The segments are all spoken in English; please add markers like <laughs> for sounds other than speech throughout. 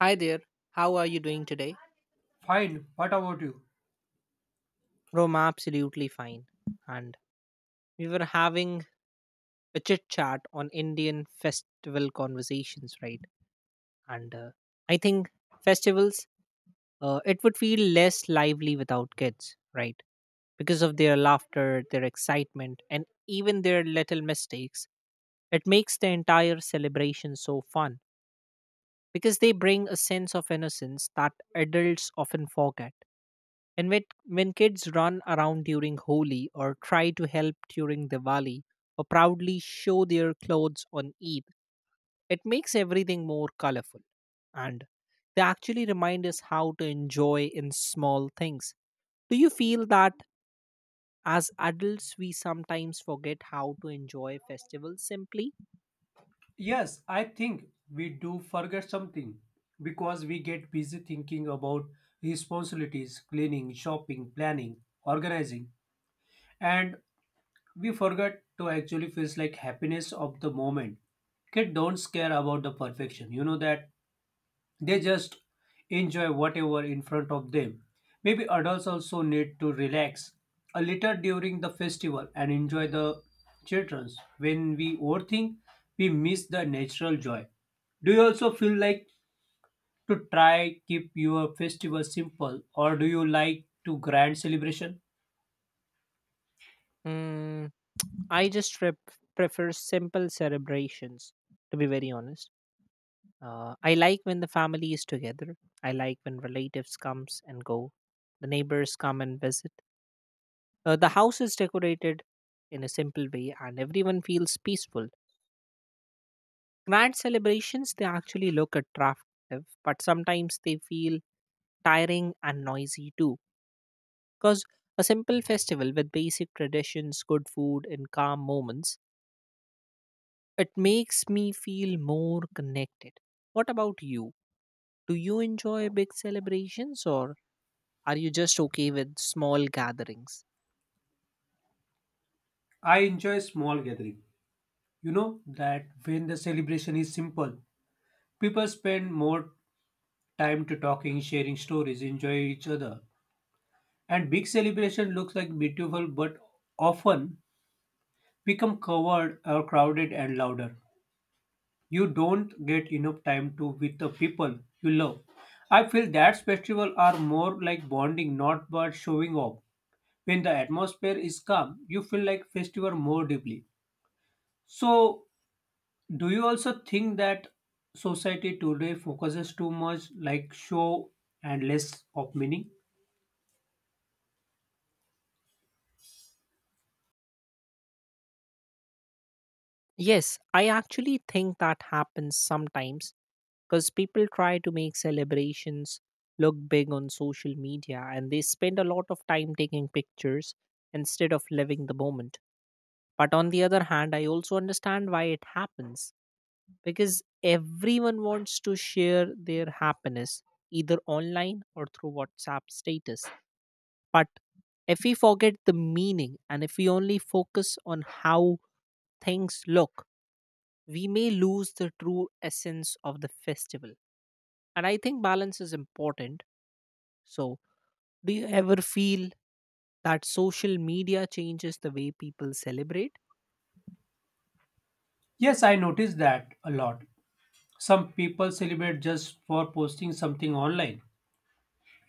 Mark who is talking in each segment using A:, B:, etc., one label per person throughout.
A: Hi there. How are you doing today?
B: Fine. What about you?
A: Bro, I'm absolutely fine. And we were having a chit chat on Indian festival conversations, right? And I think festivals, it would feel less lively without kids, right? Because of their laughter, their excitement, and even their little mistakes. It makes the entire celebration so fun because they bring a sense of innocence that adults often forget. And when kids run around during Holi or try to help during Diwali or proudly show their clothes on Eid, it makes everything more colorful. And they actually remind us how to enjoy in small things. Do you feel that as adults we sometimes forget how to enjoy festivals simply?
B: Yes, I think we do forget something because we get busy thinking about responsibilities, cleaning, shopping, planning, organizing, and we forget to actually feel like happiness of the moment. Kids don't care about the perfection, you know that. They just enjoy whatever in front of them. Maybe adults also need to relax a little during the festival and enjoy the children's. When we overthink, we miss the natural joy. Do you also feel like to try keep your festival simple or do you like to grand celebration?
A: Mm, I just prefer simple celebrations, to be very honest. I like when the family is together. I like when relatives comes and go. The neighbors come and visit. The house is decorated in a simple way and everyone feels peaceful. Grand celebrations, they actually look attractive, but sometimes they feel tiring and noisy too. Because a simple festival with basic traditions, good food, and calm moments, it makes me feel more connected. What about you? Do you enjoy big celebrations, or are you just okay with small gatherings?
B: I enjoy small gathering. You know that when the celebration is simple, people spend more time to talking, sharing stories, enjoy each other. And big celebration looks like beautiful, but often become covered or crowded and louder. You don't get enough time to with the people you love. I feel that festivals are more like bonding, not but showing off. When the atmosphere is calm, you feel like festival more deeply. So, do you also think that society today focuses too much like show and less of meaning?
A: Yes, I actually think that happens sometimes because people try to make celebrations look big on social media and they spend a lot of time taking pictures instead of living the moment. But on the other hand, I also understand why it happens, because everyone wants to share their happiness either online or through WhatsApp status. But if we forget the meaning and if we only focus on how things look, we may lose the true essence of the festival. And I think balance is important. So, do you ever feel that social media changes the way people celebrate?
B: Yes, I noticed that a lot. Some people celebrate just for posting something online,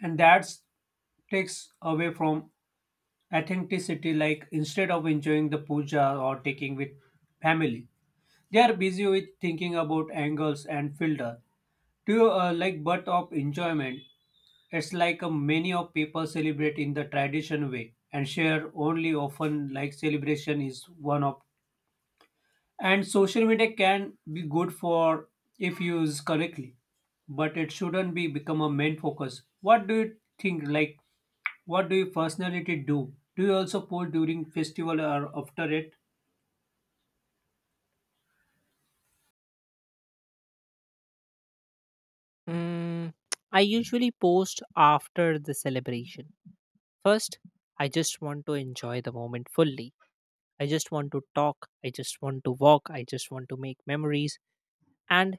B: and that takes away from authenticity. Like instead of enjoying the puja or taking with family, they are busy with thinking about angles and filter. Do you like but of enjoyment? It's like many of people celebrate in the tradition way and share only often like celebration is one of. And social media can be good for if used correctly, but it shouldn't be become a main focus. What do you think? Like, what do you personality do? Do you also post during festival or after it?
A: Mm, I usually post after the celebration. First, I just want to enjoy the moment fully. I just want to talk. I just want to walk. I just want to make memories. And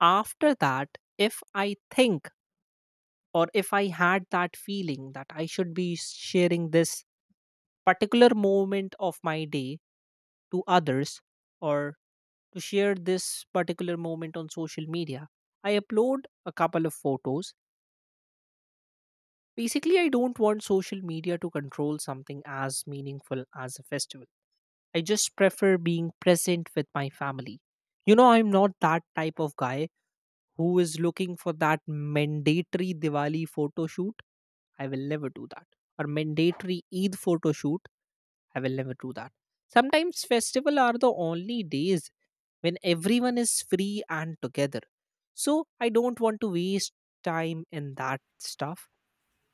A: after that, if I think or if I had that feeling that I should be sharing this particular moment of my day to others or to share this particular moment on social media, I upload a couple of photos. Basically, I don't want social media to control something as meaningful as a festival. I just prefer being present with my family. You know, I'm not that type of guy who is looking for that mandatory Diwali photo shoot. I will never do that. Or mandatory Eid photo shoot, I will never do that. Sometimes festival are the only days when everyone is free and together. So I don't want to waste time in that stuff.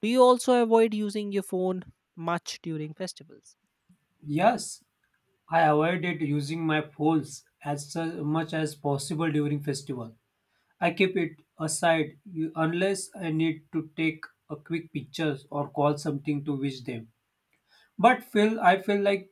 A: Do you also avoid using your phone much during festivals?
B: Yes, I avoided using my phones as much as possible during festival. I keep it aside unless I need to take a quick pictures or call something to wish them. But feel I feel like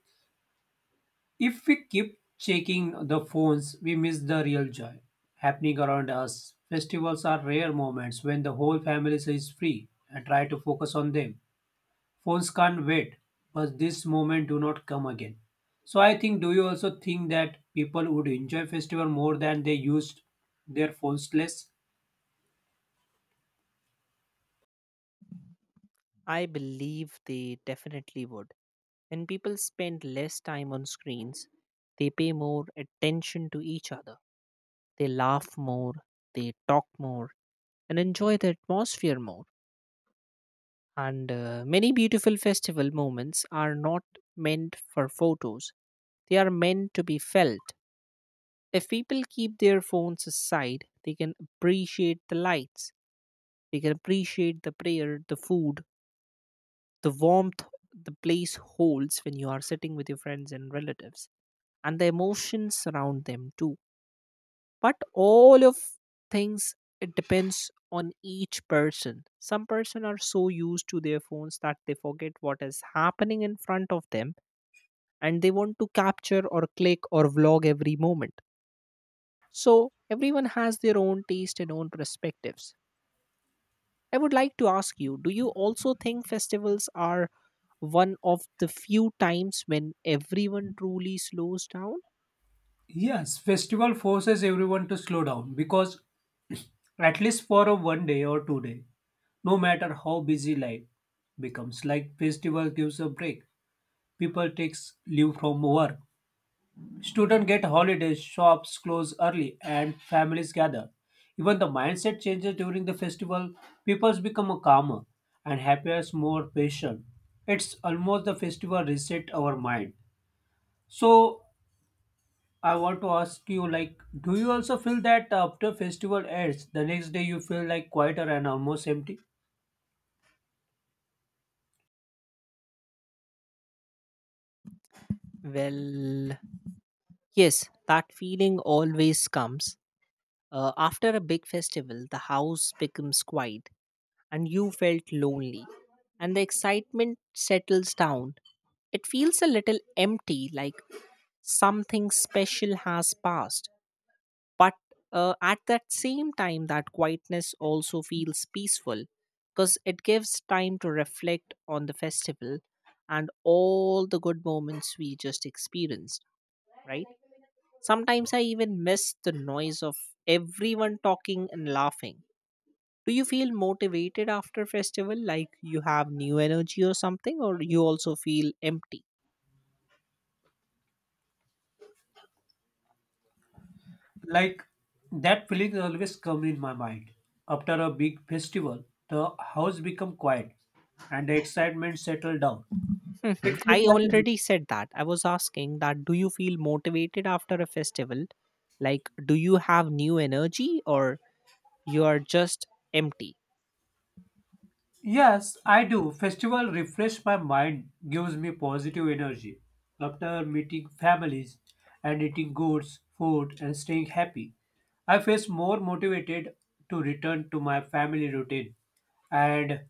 B: if we keep checking the phones, we miss the real joy happening around us. Festivals are rare moments when the whole family is free and try to focus on them. Phones can't wait, but this moment do not come again. So I think do you also think that people would enjoy festival more than they used their phones less?
A: I believe they definitely would. When people spend less time on screens, they pay more attention to each other. They laugh more, they talk more, and enjoy the atmosphere more. And many beautiful festival moments are not meant for photos, they are meant to be felt. If people keep their phones aside, they can appreciate the lights, they can appreciate the prayer, the food, the warmth the place holds when you are sitting with your friends and relatives, and the emotions around them too. But all of things, it depends on each person. Some person are so used to their phones that they forget what is happening in front of them, and they want to capture or click or vlog every moment. So everyone has their own taste and own perspectives. I would like to ask you, do you also think festivals are one of the few times when everyone truly slows down?
B: Yes, festival forces everyone to slow down because <clears throat> at least for a one day or 2 day. No matter how busy life becomes, like festival gives a break, people takes leave from work. Students get holidays, shops close early, and families gather. Even the mindset changes during the festival. People become calmer and happier, more patient. It's almost the festival reset our mind. So I want to ask you, like, do you also feel that after festival ends, the next day you feel like quieter and almost empty?
A: Well, yes, that feeling always comes. After a big festival, the house becomes quiet and you felt lonely, and the excitement settles down. It feels a little empty, like something special has passed. But at that same time, that quietness also feels peaceful because it gives time to reflect on the festival and all the good moments we just experienced, right? Sometimes I even miss the noise of everyone talking and laughing. Do you feel motivated after festival, like you have new energy or something, or you also feel empty?
B: Like that feeling always comes in my mind. After a big festival, the house become quiet and the excitement settle down.
A: Mhm.
B: It feels
A: I
B: like
A: already said that. I was asking that, do you feel motivated after a festival? Like, do you have new energy, or you are just empty?
B: Yes, I do. Festival refresh my mind, gives me positive energy. After meeting families and eating goods, food and staying happy, I feel more motivated to return to my family routine. And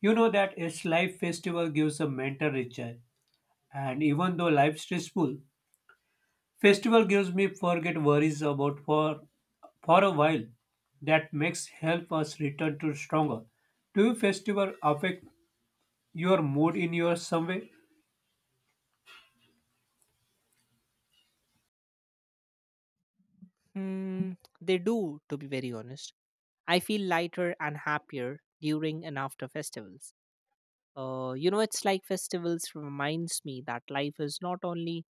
B: you know that each life festival gives a mental recharge. And even though life's stressful, festival gives me forget worries about for a while. That makes help us return to stronger. Do festival affect your mood in your some way?
A: They do, to be very honest. I feel lighter and happier during and after festivals. You know, it's like festivals reminds me that life is not only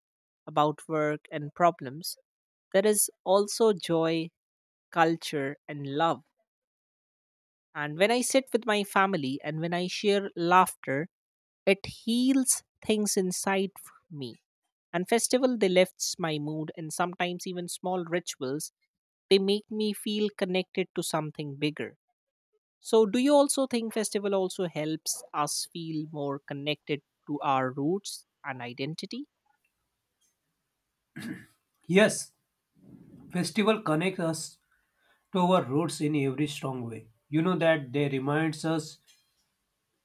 A: about work and problems. There is also joy, culture, and love. And when I sit with my family and when I share laughter, it heals things inside me. And festival they lifts my mood, and sometimes even small rituals they make me feel connected to something bigger. So do you also think festival also helps us feel more connected to our roots and identity?
B: Yes, festival connects us to our roots in every strong way. You know that they reminds us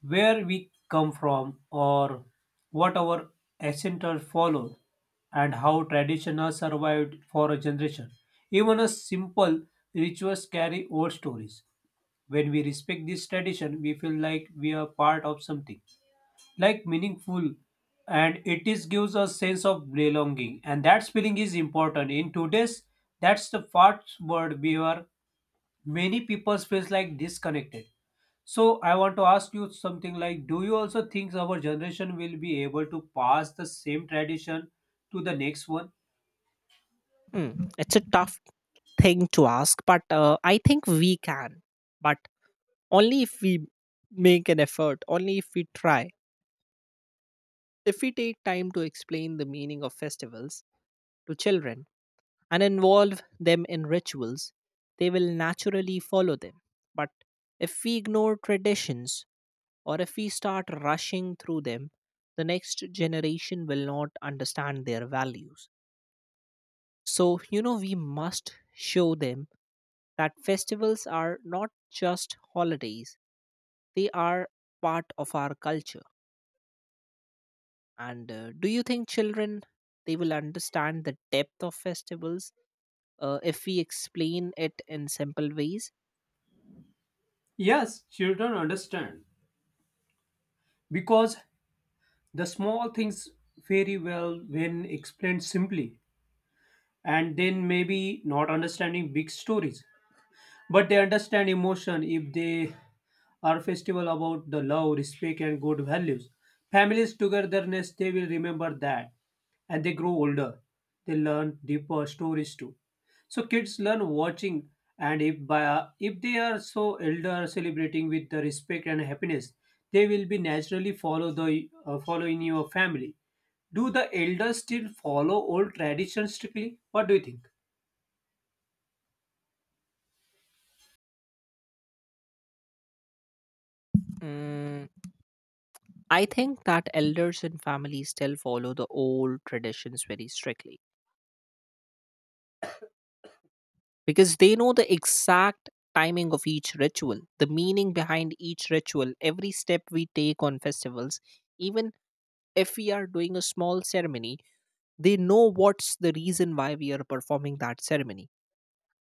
B: where we come from or what our ancestors followed and how tradition has survived for a generation. Even a simple rituals carry old stories. When we respect this tradition, we feel like we are part of something like meaningful, and it is gives us sense of belonging, and that feeling is important in today's, that's the first word we are, many people feels like disconnected. So I want to ask you something like, do you also think our generation will be able to pass the same tradition to the next one?
A: Hmm. It's a tough thing to ask, but I think we can. But only if we make an effort, only if we try. If we take time to explain the meaning of festivals to children and involve them in rituals, they will naturally follow them. But if we ignore traditions or if we start rushing through them, the next generation will not understand their values. So, you know, we must show them that festivals are not just holidays, they are part of our culture. And do you think children they will understand the depth of festivals if we explain it in simple ways?
B: Yes, children understand. Because the small things very well when explained simply, and then maybe not understanding big stories, but they understand emotion if they are festival about the love, respect, and good values. Families togetherness, they will remember that. And they grow older. They learn deeper stories too. So kids learn watching, and if by if they are so elder celebrating with the respect and happiness, they will be naturally follow the follow in your family. Do the elders still follow old traditions strictly? What do you think?
A: Mm, I think that elders and families still follow the old traditions very strictly, because they know the exact timing of each ritual, the meaning behind each ritual, every step we take on festivals. Even if we are doing a small ceremony, they know what's the reason why we are performing that ceremony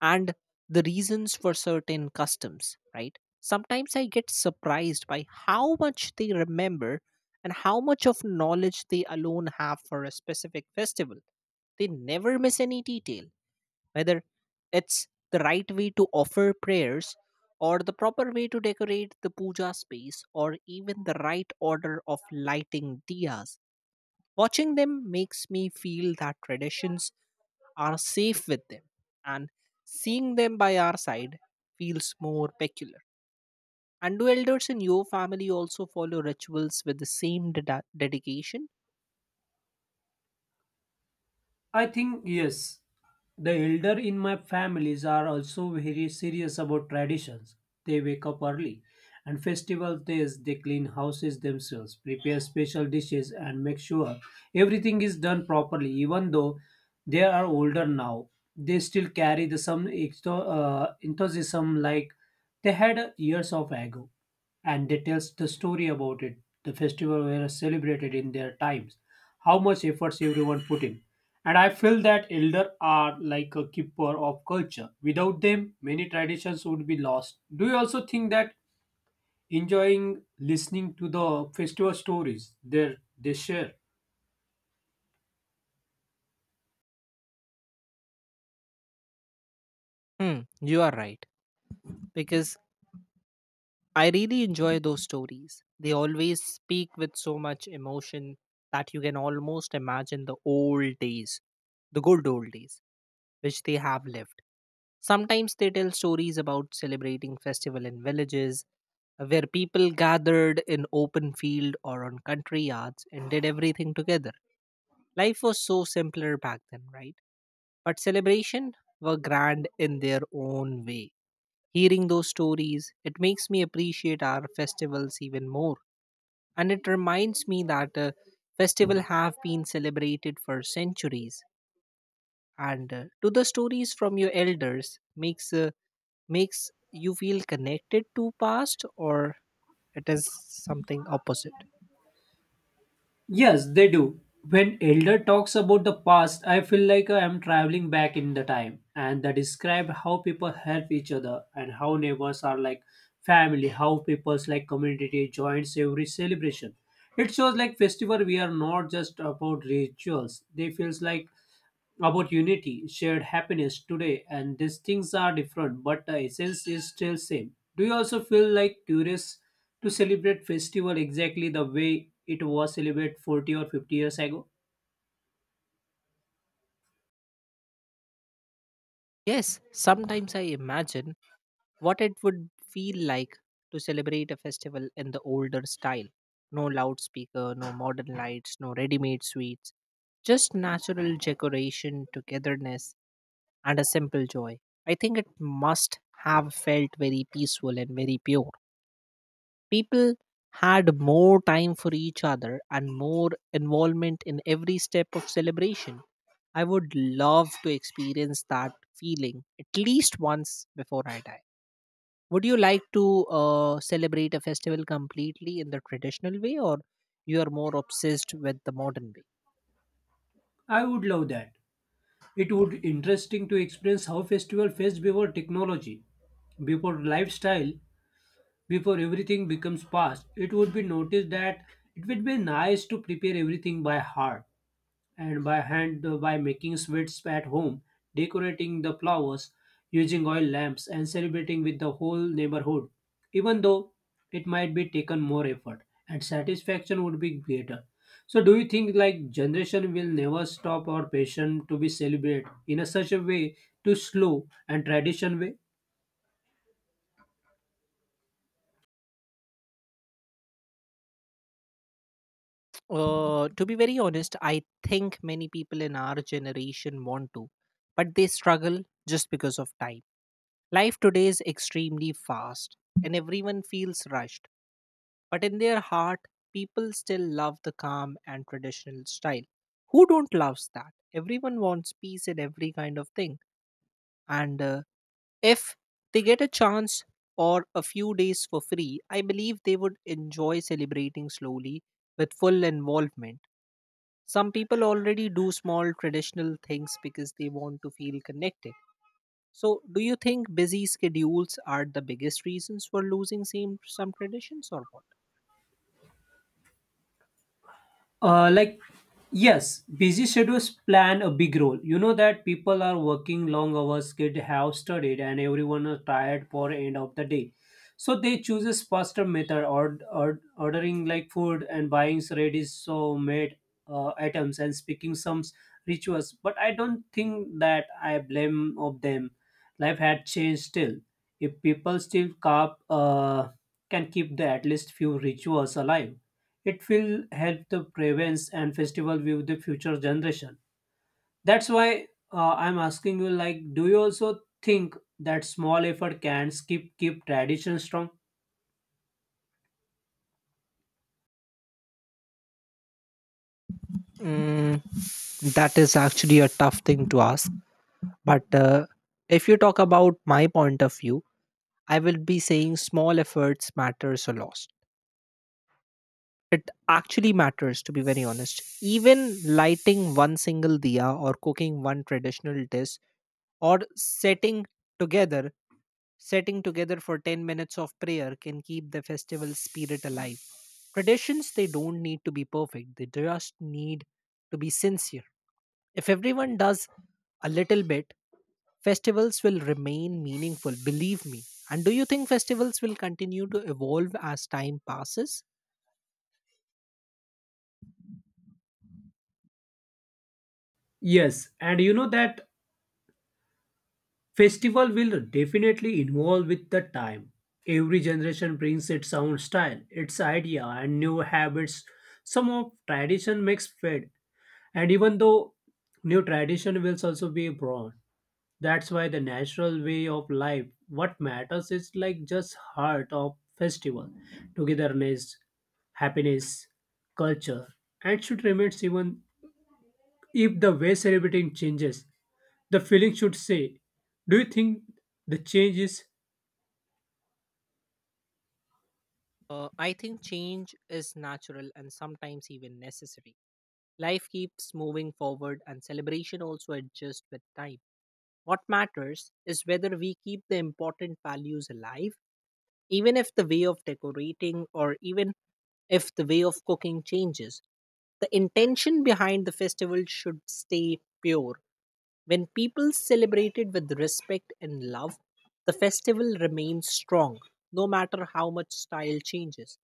A: and the reasons for certain customs, right? Sometimes I get surprised by how much they remember and how much of knowledge they alone have for a specific festival. They never miss any detail, whether it's the right way to offer prayers or the proper way to decorate the puja space or even the right order of lighting diyas. Watching them makes me feel that traditions are safe with them, and seeing them by our side feels more peculiar. And do elders in your family also follow rituals with the same dedication?
B: I think yes. The elder in my families are also very serious about traditions. They wake up early and festival days they clean houses themselves, prepare special dishes and make sure everything is done properly even though they are older now. They still carry the some enthusiasm like they had years of ago, and they tell the story about it. The festival were celebrated in their times, how much efforts everyone put in, and I feel that elder are like a keeper of culture. Without them, many traditions would be lost. Do you also think that enjoying listening to the festival stories they share?
A: You are right. Because I really enjoy those stories. They always speak with so much emotion that you can almost imagine the old days, the good old days, which they have lived. Sometimes they tell stories about celebrating festival in villages, where people gathered in open field or on country yards and did everything together. Life was so simpler back then, right? But celebration were grand in their own way. Hearing those stories, it makes me appreciate our festivals even more. And it reminds me that festivals have been celebrated for centuries. And to the stories from your elders makes you feel connected to past, or it is something opposite.
B: Yes, they do. When Elder talks about the past, I feel like I am traveling back in the time, and they describe how people help each other and how neighbors are like family, how people's like community joins every celebration. It shows like festival we are not just about rituals. They feels like about unity, shared happiness today, and these things are different, but the essence is still same. Do you also feel like curious to celebrate festival exactly the way it was celebrated 40 or 50 years ago?
A: Yes, sometimes I imagine what it would feel like to celebrate a festival in the older style. No loudspeaker, no modern lights, no ready-made sweets. Just natural decoration, togetherness, and a simple joy. I think it must have felt very peaceful and very pure. People had more time for each other and more involvement in every step of celebration. I would love to experience that feeling at least once before I die. Would you like to celebrate a festival completely in the traditional way, or you are more obsessed with the modern way?
B: I would love that. It would interesting to experience how festival faced before technology, before lifestyle, before everything becomes past. It would be noticed that it would be nice to prepare everything by heart and by hand, by making sweets at home, decorating the flowers, using oil lamps, and celebrating with the whole neighborhood, even though it might be taken more effort and satisfaction would be greater. So, do you think like generation will never stop our passion to be celebrated in a such a way to slow and tradition way?
A: To be very honest, I think many people in our generation want to, but they struggle just because of time. Life today is extremely fast and everyone feels rushed, but in their heart, people still love the calm and traditional style. Who don't loves that? Everyone wants peace in every kind of thing. And if they get a chance or a few days for free, I believe they would enjoy celebrating slowly with full involvement. Some people already do small traditional things because they want to feel connected. So, do you think busy schedules are the biggest reasons for losing some traditions or what?
B: Like, yes, busy schedules plan a big role. You know that people are working long hours, kids have studied, and everyone are tired for end of the day. So they chooses faster method or ordering like food and buying ready so made items and speaking some rituals. But I don't think that I blame of them. Life had changed still. If people still can keep the at least few rituals alive, it will help the prevents and festival with the future generation. That's why I'm asking you, like, do you also think that small effort can keep tradition strong?
A: Mm, that is actually a tough thing to ask. But if you talk about my point of view, I will be saying small efforts matters a lot. It actually matters, to be very honest. Even lighting one single diya or cooking one traditional dish or setting together sitting together for 10 minutes of prayer can keep the festival spirit alive. Traditions, they don't need to be perfect, they just need to be sincere. If everyone does a little bit, festivals will remain meaningful, believe me. And do you think festivals will continue to evolve as time passes?
B: Yes, and you know that festival will definitely evolve with the time. Every generation brings its own style, its idea, and new habits. Some of tradition makes fade, and even though new tradition will also be born, that's why the natural way of life, what matters is like just heart of festival, togetherness, happiness, culture, and should remain even if the way celebrating changes. The feeling should say, do you think the change is?
A: I think change is natural and sometimes even necessary. Life keeps moving forward, and celebration also adjusts with time. What matters is whether we keep the important values alive, even if the way of decorating or even if the way of cooking changes. The intention behind the festival should stay pure. When people celebrate it with respect and love, the festival remains strong, no matter how much style changes.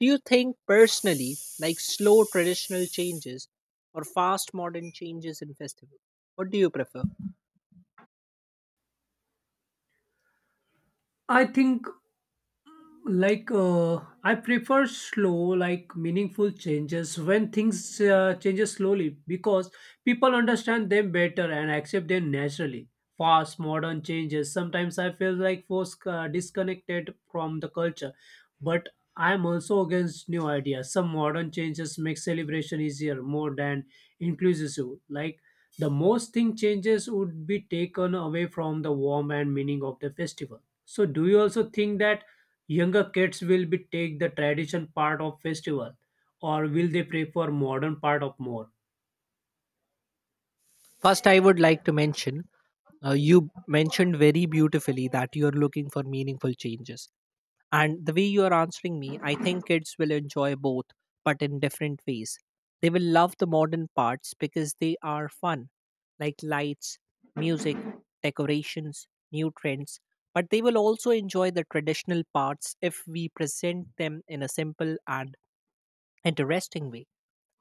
A: Do you think personally, like slow traditional changes or fast modern changes in festival? What do you prefer?
B: I think like I prefer slow like meaningful changes when things changes slowly because people understand them better and accept them naturally. Fast modern changes sometimes I feel like force, disconnected from the culture, but I'm also against new ideas. Some modern changes make celebration easier more than inclusive, like the most thing changes would be taken away from the warmth and meaning of the festival. So do you also think that younger kids will be take the tradition part of festival or will they prefer modern part of more?
A: First, I would like to mention you mentioned very beautifully that you're looking for meaningful changes. And the way you are answering me, I think kids will enjoy both, but in different ways. They will love the modern parts because they are fun, like lights, music, decorations, new trends. But they will also enjoy the traditional parts if we present them in a simple and interesting way.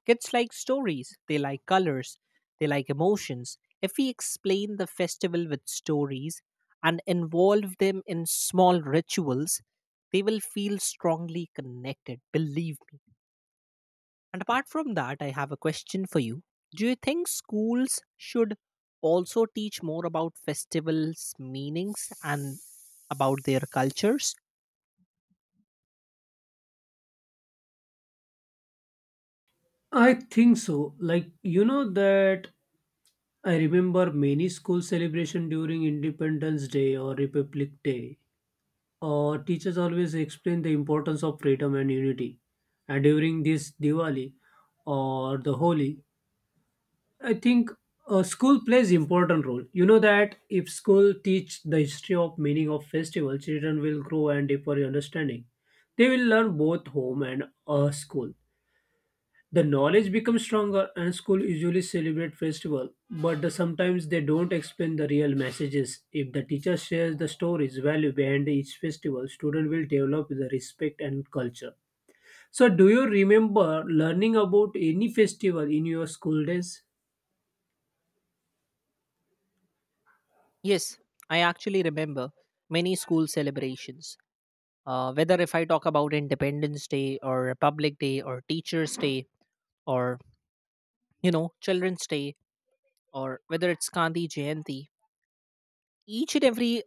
A: Kids like stories, they like colors, they like emotions. If we explain the festival with stories and involve them in small rituals, they will feel strongly connected, believe me. And apart from that, I have a question for you. Do you think schools should also teach more about festivals' meanings and about their cultures?
B: I think so. Like you know that I remember many school celebration during Independence Day or Republic Day. Teachers always explain the importance of freedom and unity. And during this Diwali or the Holi, I think school plays important role. You know that if school teach the history of meaning of festival, children will grow and deeper understanding. They will learn both home and school. The knowledge becomes stronger, and school usually celebrate festival, but the, sometimes they don't explain the real messages. If the teacher shares the stories, value behind each festival, student will develop the respect and culture. So, do you remember learning about any festival in your school days?
A: Yes, I actually remember many school celebrations, whether if I talk about Independence Day or Republic Day or Teachers Day or, you know, Children's Day, or whether it's Gandhi Jayanti. Each and every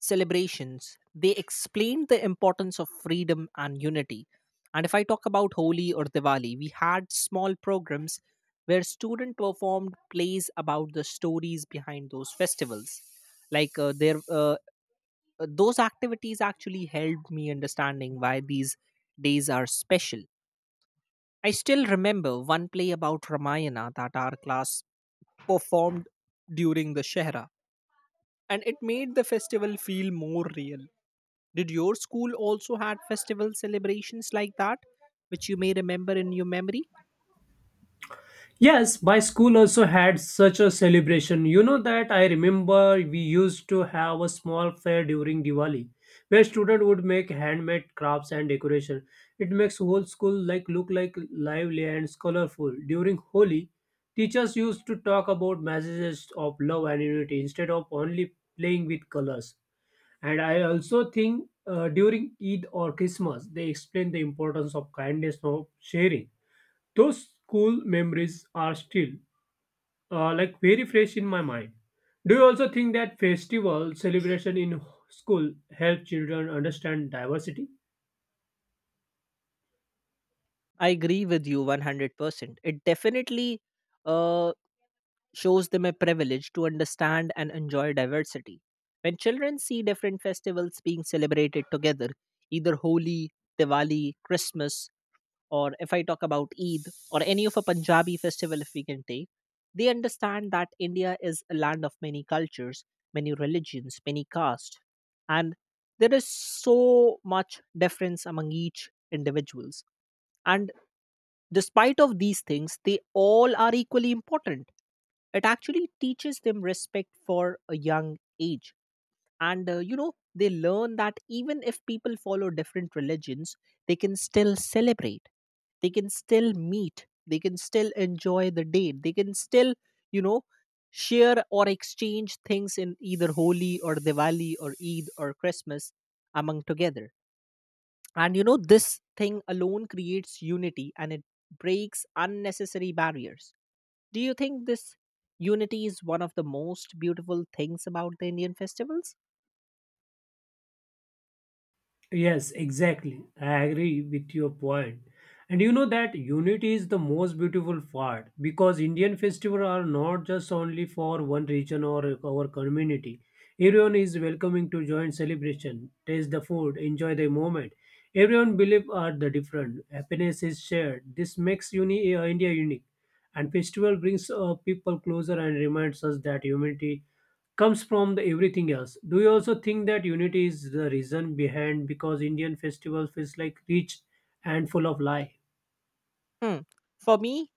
A: celebrations, they explained the importance of freedom and unity. And if I talk about Holi or Diwali, we had small programs where student performed plays about the stories behind those festivals, like there those activities actually helped me understanding why these days are special. I still remember one play about Ramayana that our class performed during the Shehra, and it made the festival feel more real. Did your school also had festival celebrations like that, which you may remember in your memory?
B: Yes, my school also had such a celebration. You know that I remember we used to have a small fair during Diwali where students would make handmade crafts and decoration. It makes whole school like look like lively and colorful. During Holi, teachers used to talk about messages of love and unity instead of only playing with colors. And I also think during Eid or Christmas, they explain the importance of kindness of sharing. Those school memories are still like very fresh in my mind. Do you also think that festival celebration in school help children understand diversity?
A: I agree with you 100%. It definitely uh, shows them a privilege to understand and enjoy diversity. When children see different festivals being celebrated together, either Holi, Diwali, Christmas, or if I talk about Eid or any of a Punjabi festival, if we can take, they understand that India is a land of many cultures, many religions, many castes, and there is so much difference among each individuals. And despite of these things, they all are equally important. It actually teaches them respect for a young age. And you know, they learn that even if people follow different religions, they can still celebrate. They can still meet. They can still enjoy the day. They can still, you know, share or exchange things in either Holi or Diwali or Eid or Christmas among together. And you know, this thing alone creates unity and it breaks unnecessary barriers. Do you think this unity is one of the most beautiful things about the Indian festivals?
B: Yes, exactly. I agree with your point. And you know that unity is the most beautiful part because Indian festivals are not just only for one region or our community. Everyone is welcoming to join celebration, taste the food, enjoy the moment. Everyone believe are the different. Happiness is shared. This makes India unique. And festival brings people closer and reminds us that humanity comes from the everything else. Do you also think that unity is the reason behind because Indian festival feels like rich and full of life?
A: Hmm. For me,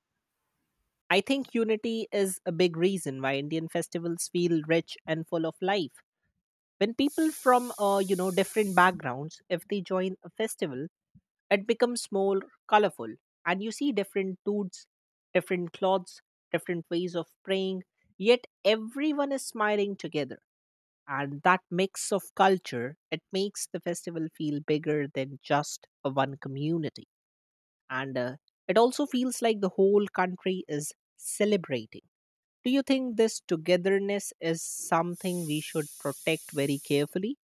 A: I think unity is a big reason why Indian festivals feel rich and full of life. When people from you know, different backgrounds, if they join a festival, it becomes more colorful, and you see different dudes, different clothes, different ways of praying, yet everyone is smiling together. And that mix of culture, it makes the festival feel bigger than just a one community. And it also feels like the whole country is celebrating. Do you think this togetherness is something we should protect very carefully?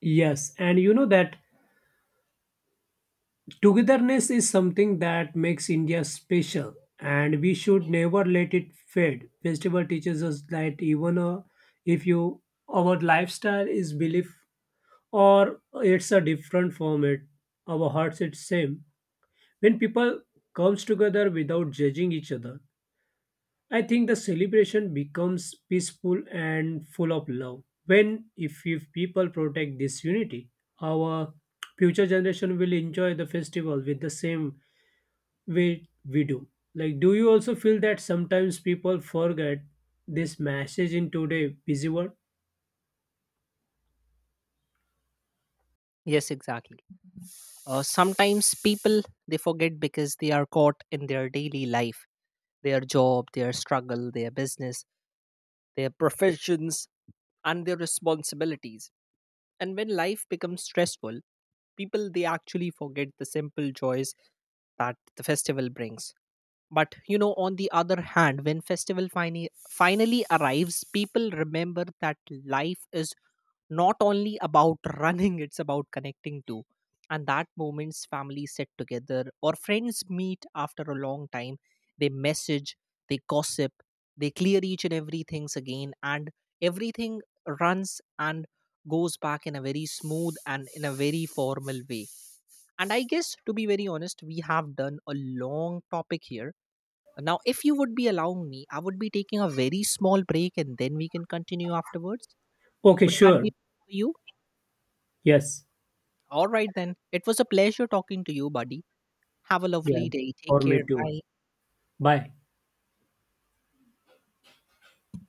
B: Yes, and you know that togetherness is something that makes India special, and we should never let it fade. Festival teaches us that even if you our lifestyle is belief or it's a different form, it our hearts it's same. When people comes together without judging each other, I think the celebration becomes peaceful and full of love. When, if people protect this unity, our future generation will enjoy the festival with the same way we do. Like, do you also feel that sometimes people forget this message in today busy world?
A: Yes, exactly. Sometimes people, they forget because they are caught in their daily life, their job, their struggle, their business, their professions, and their responsibilities. And when life becomes stressful, people, they actually forget the simple joys that the festival brings. But you know, on the other hand, when festival finally arrives, people remember that life is not only about running <laughs> it's about connecting too. And that moments families sit together or friends meet after a long time, they message, they gossip, they clear each and everything's again, and everything runs and goes back in a very smooth and in a very formal way. And I guess, to be very honest, we have done a long topic here. Now if you would be allowing me, I would be taking a very small break and then we can continue afterwards.
B: Okay,
A: Would that be
B: sure.
A: okay for you?
B: Yes.
A: All right, then. It was a pleasure talking to you, buddy. Have a
B: Yeah.
A: lovely day. Take
B: For me
A: care.
B: too.
A: Bye.
B: Bye.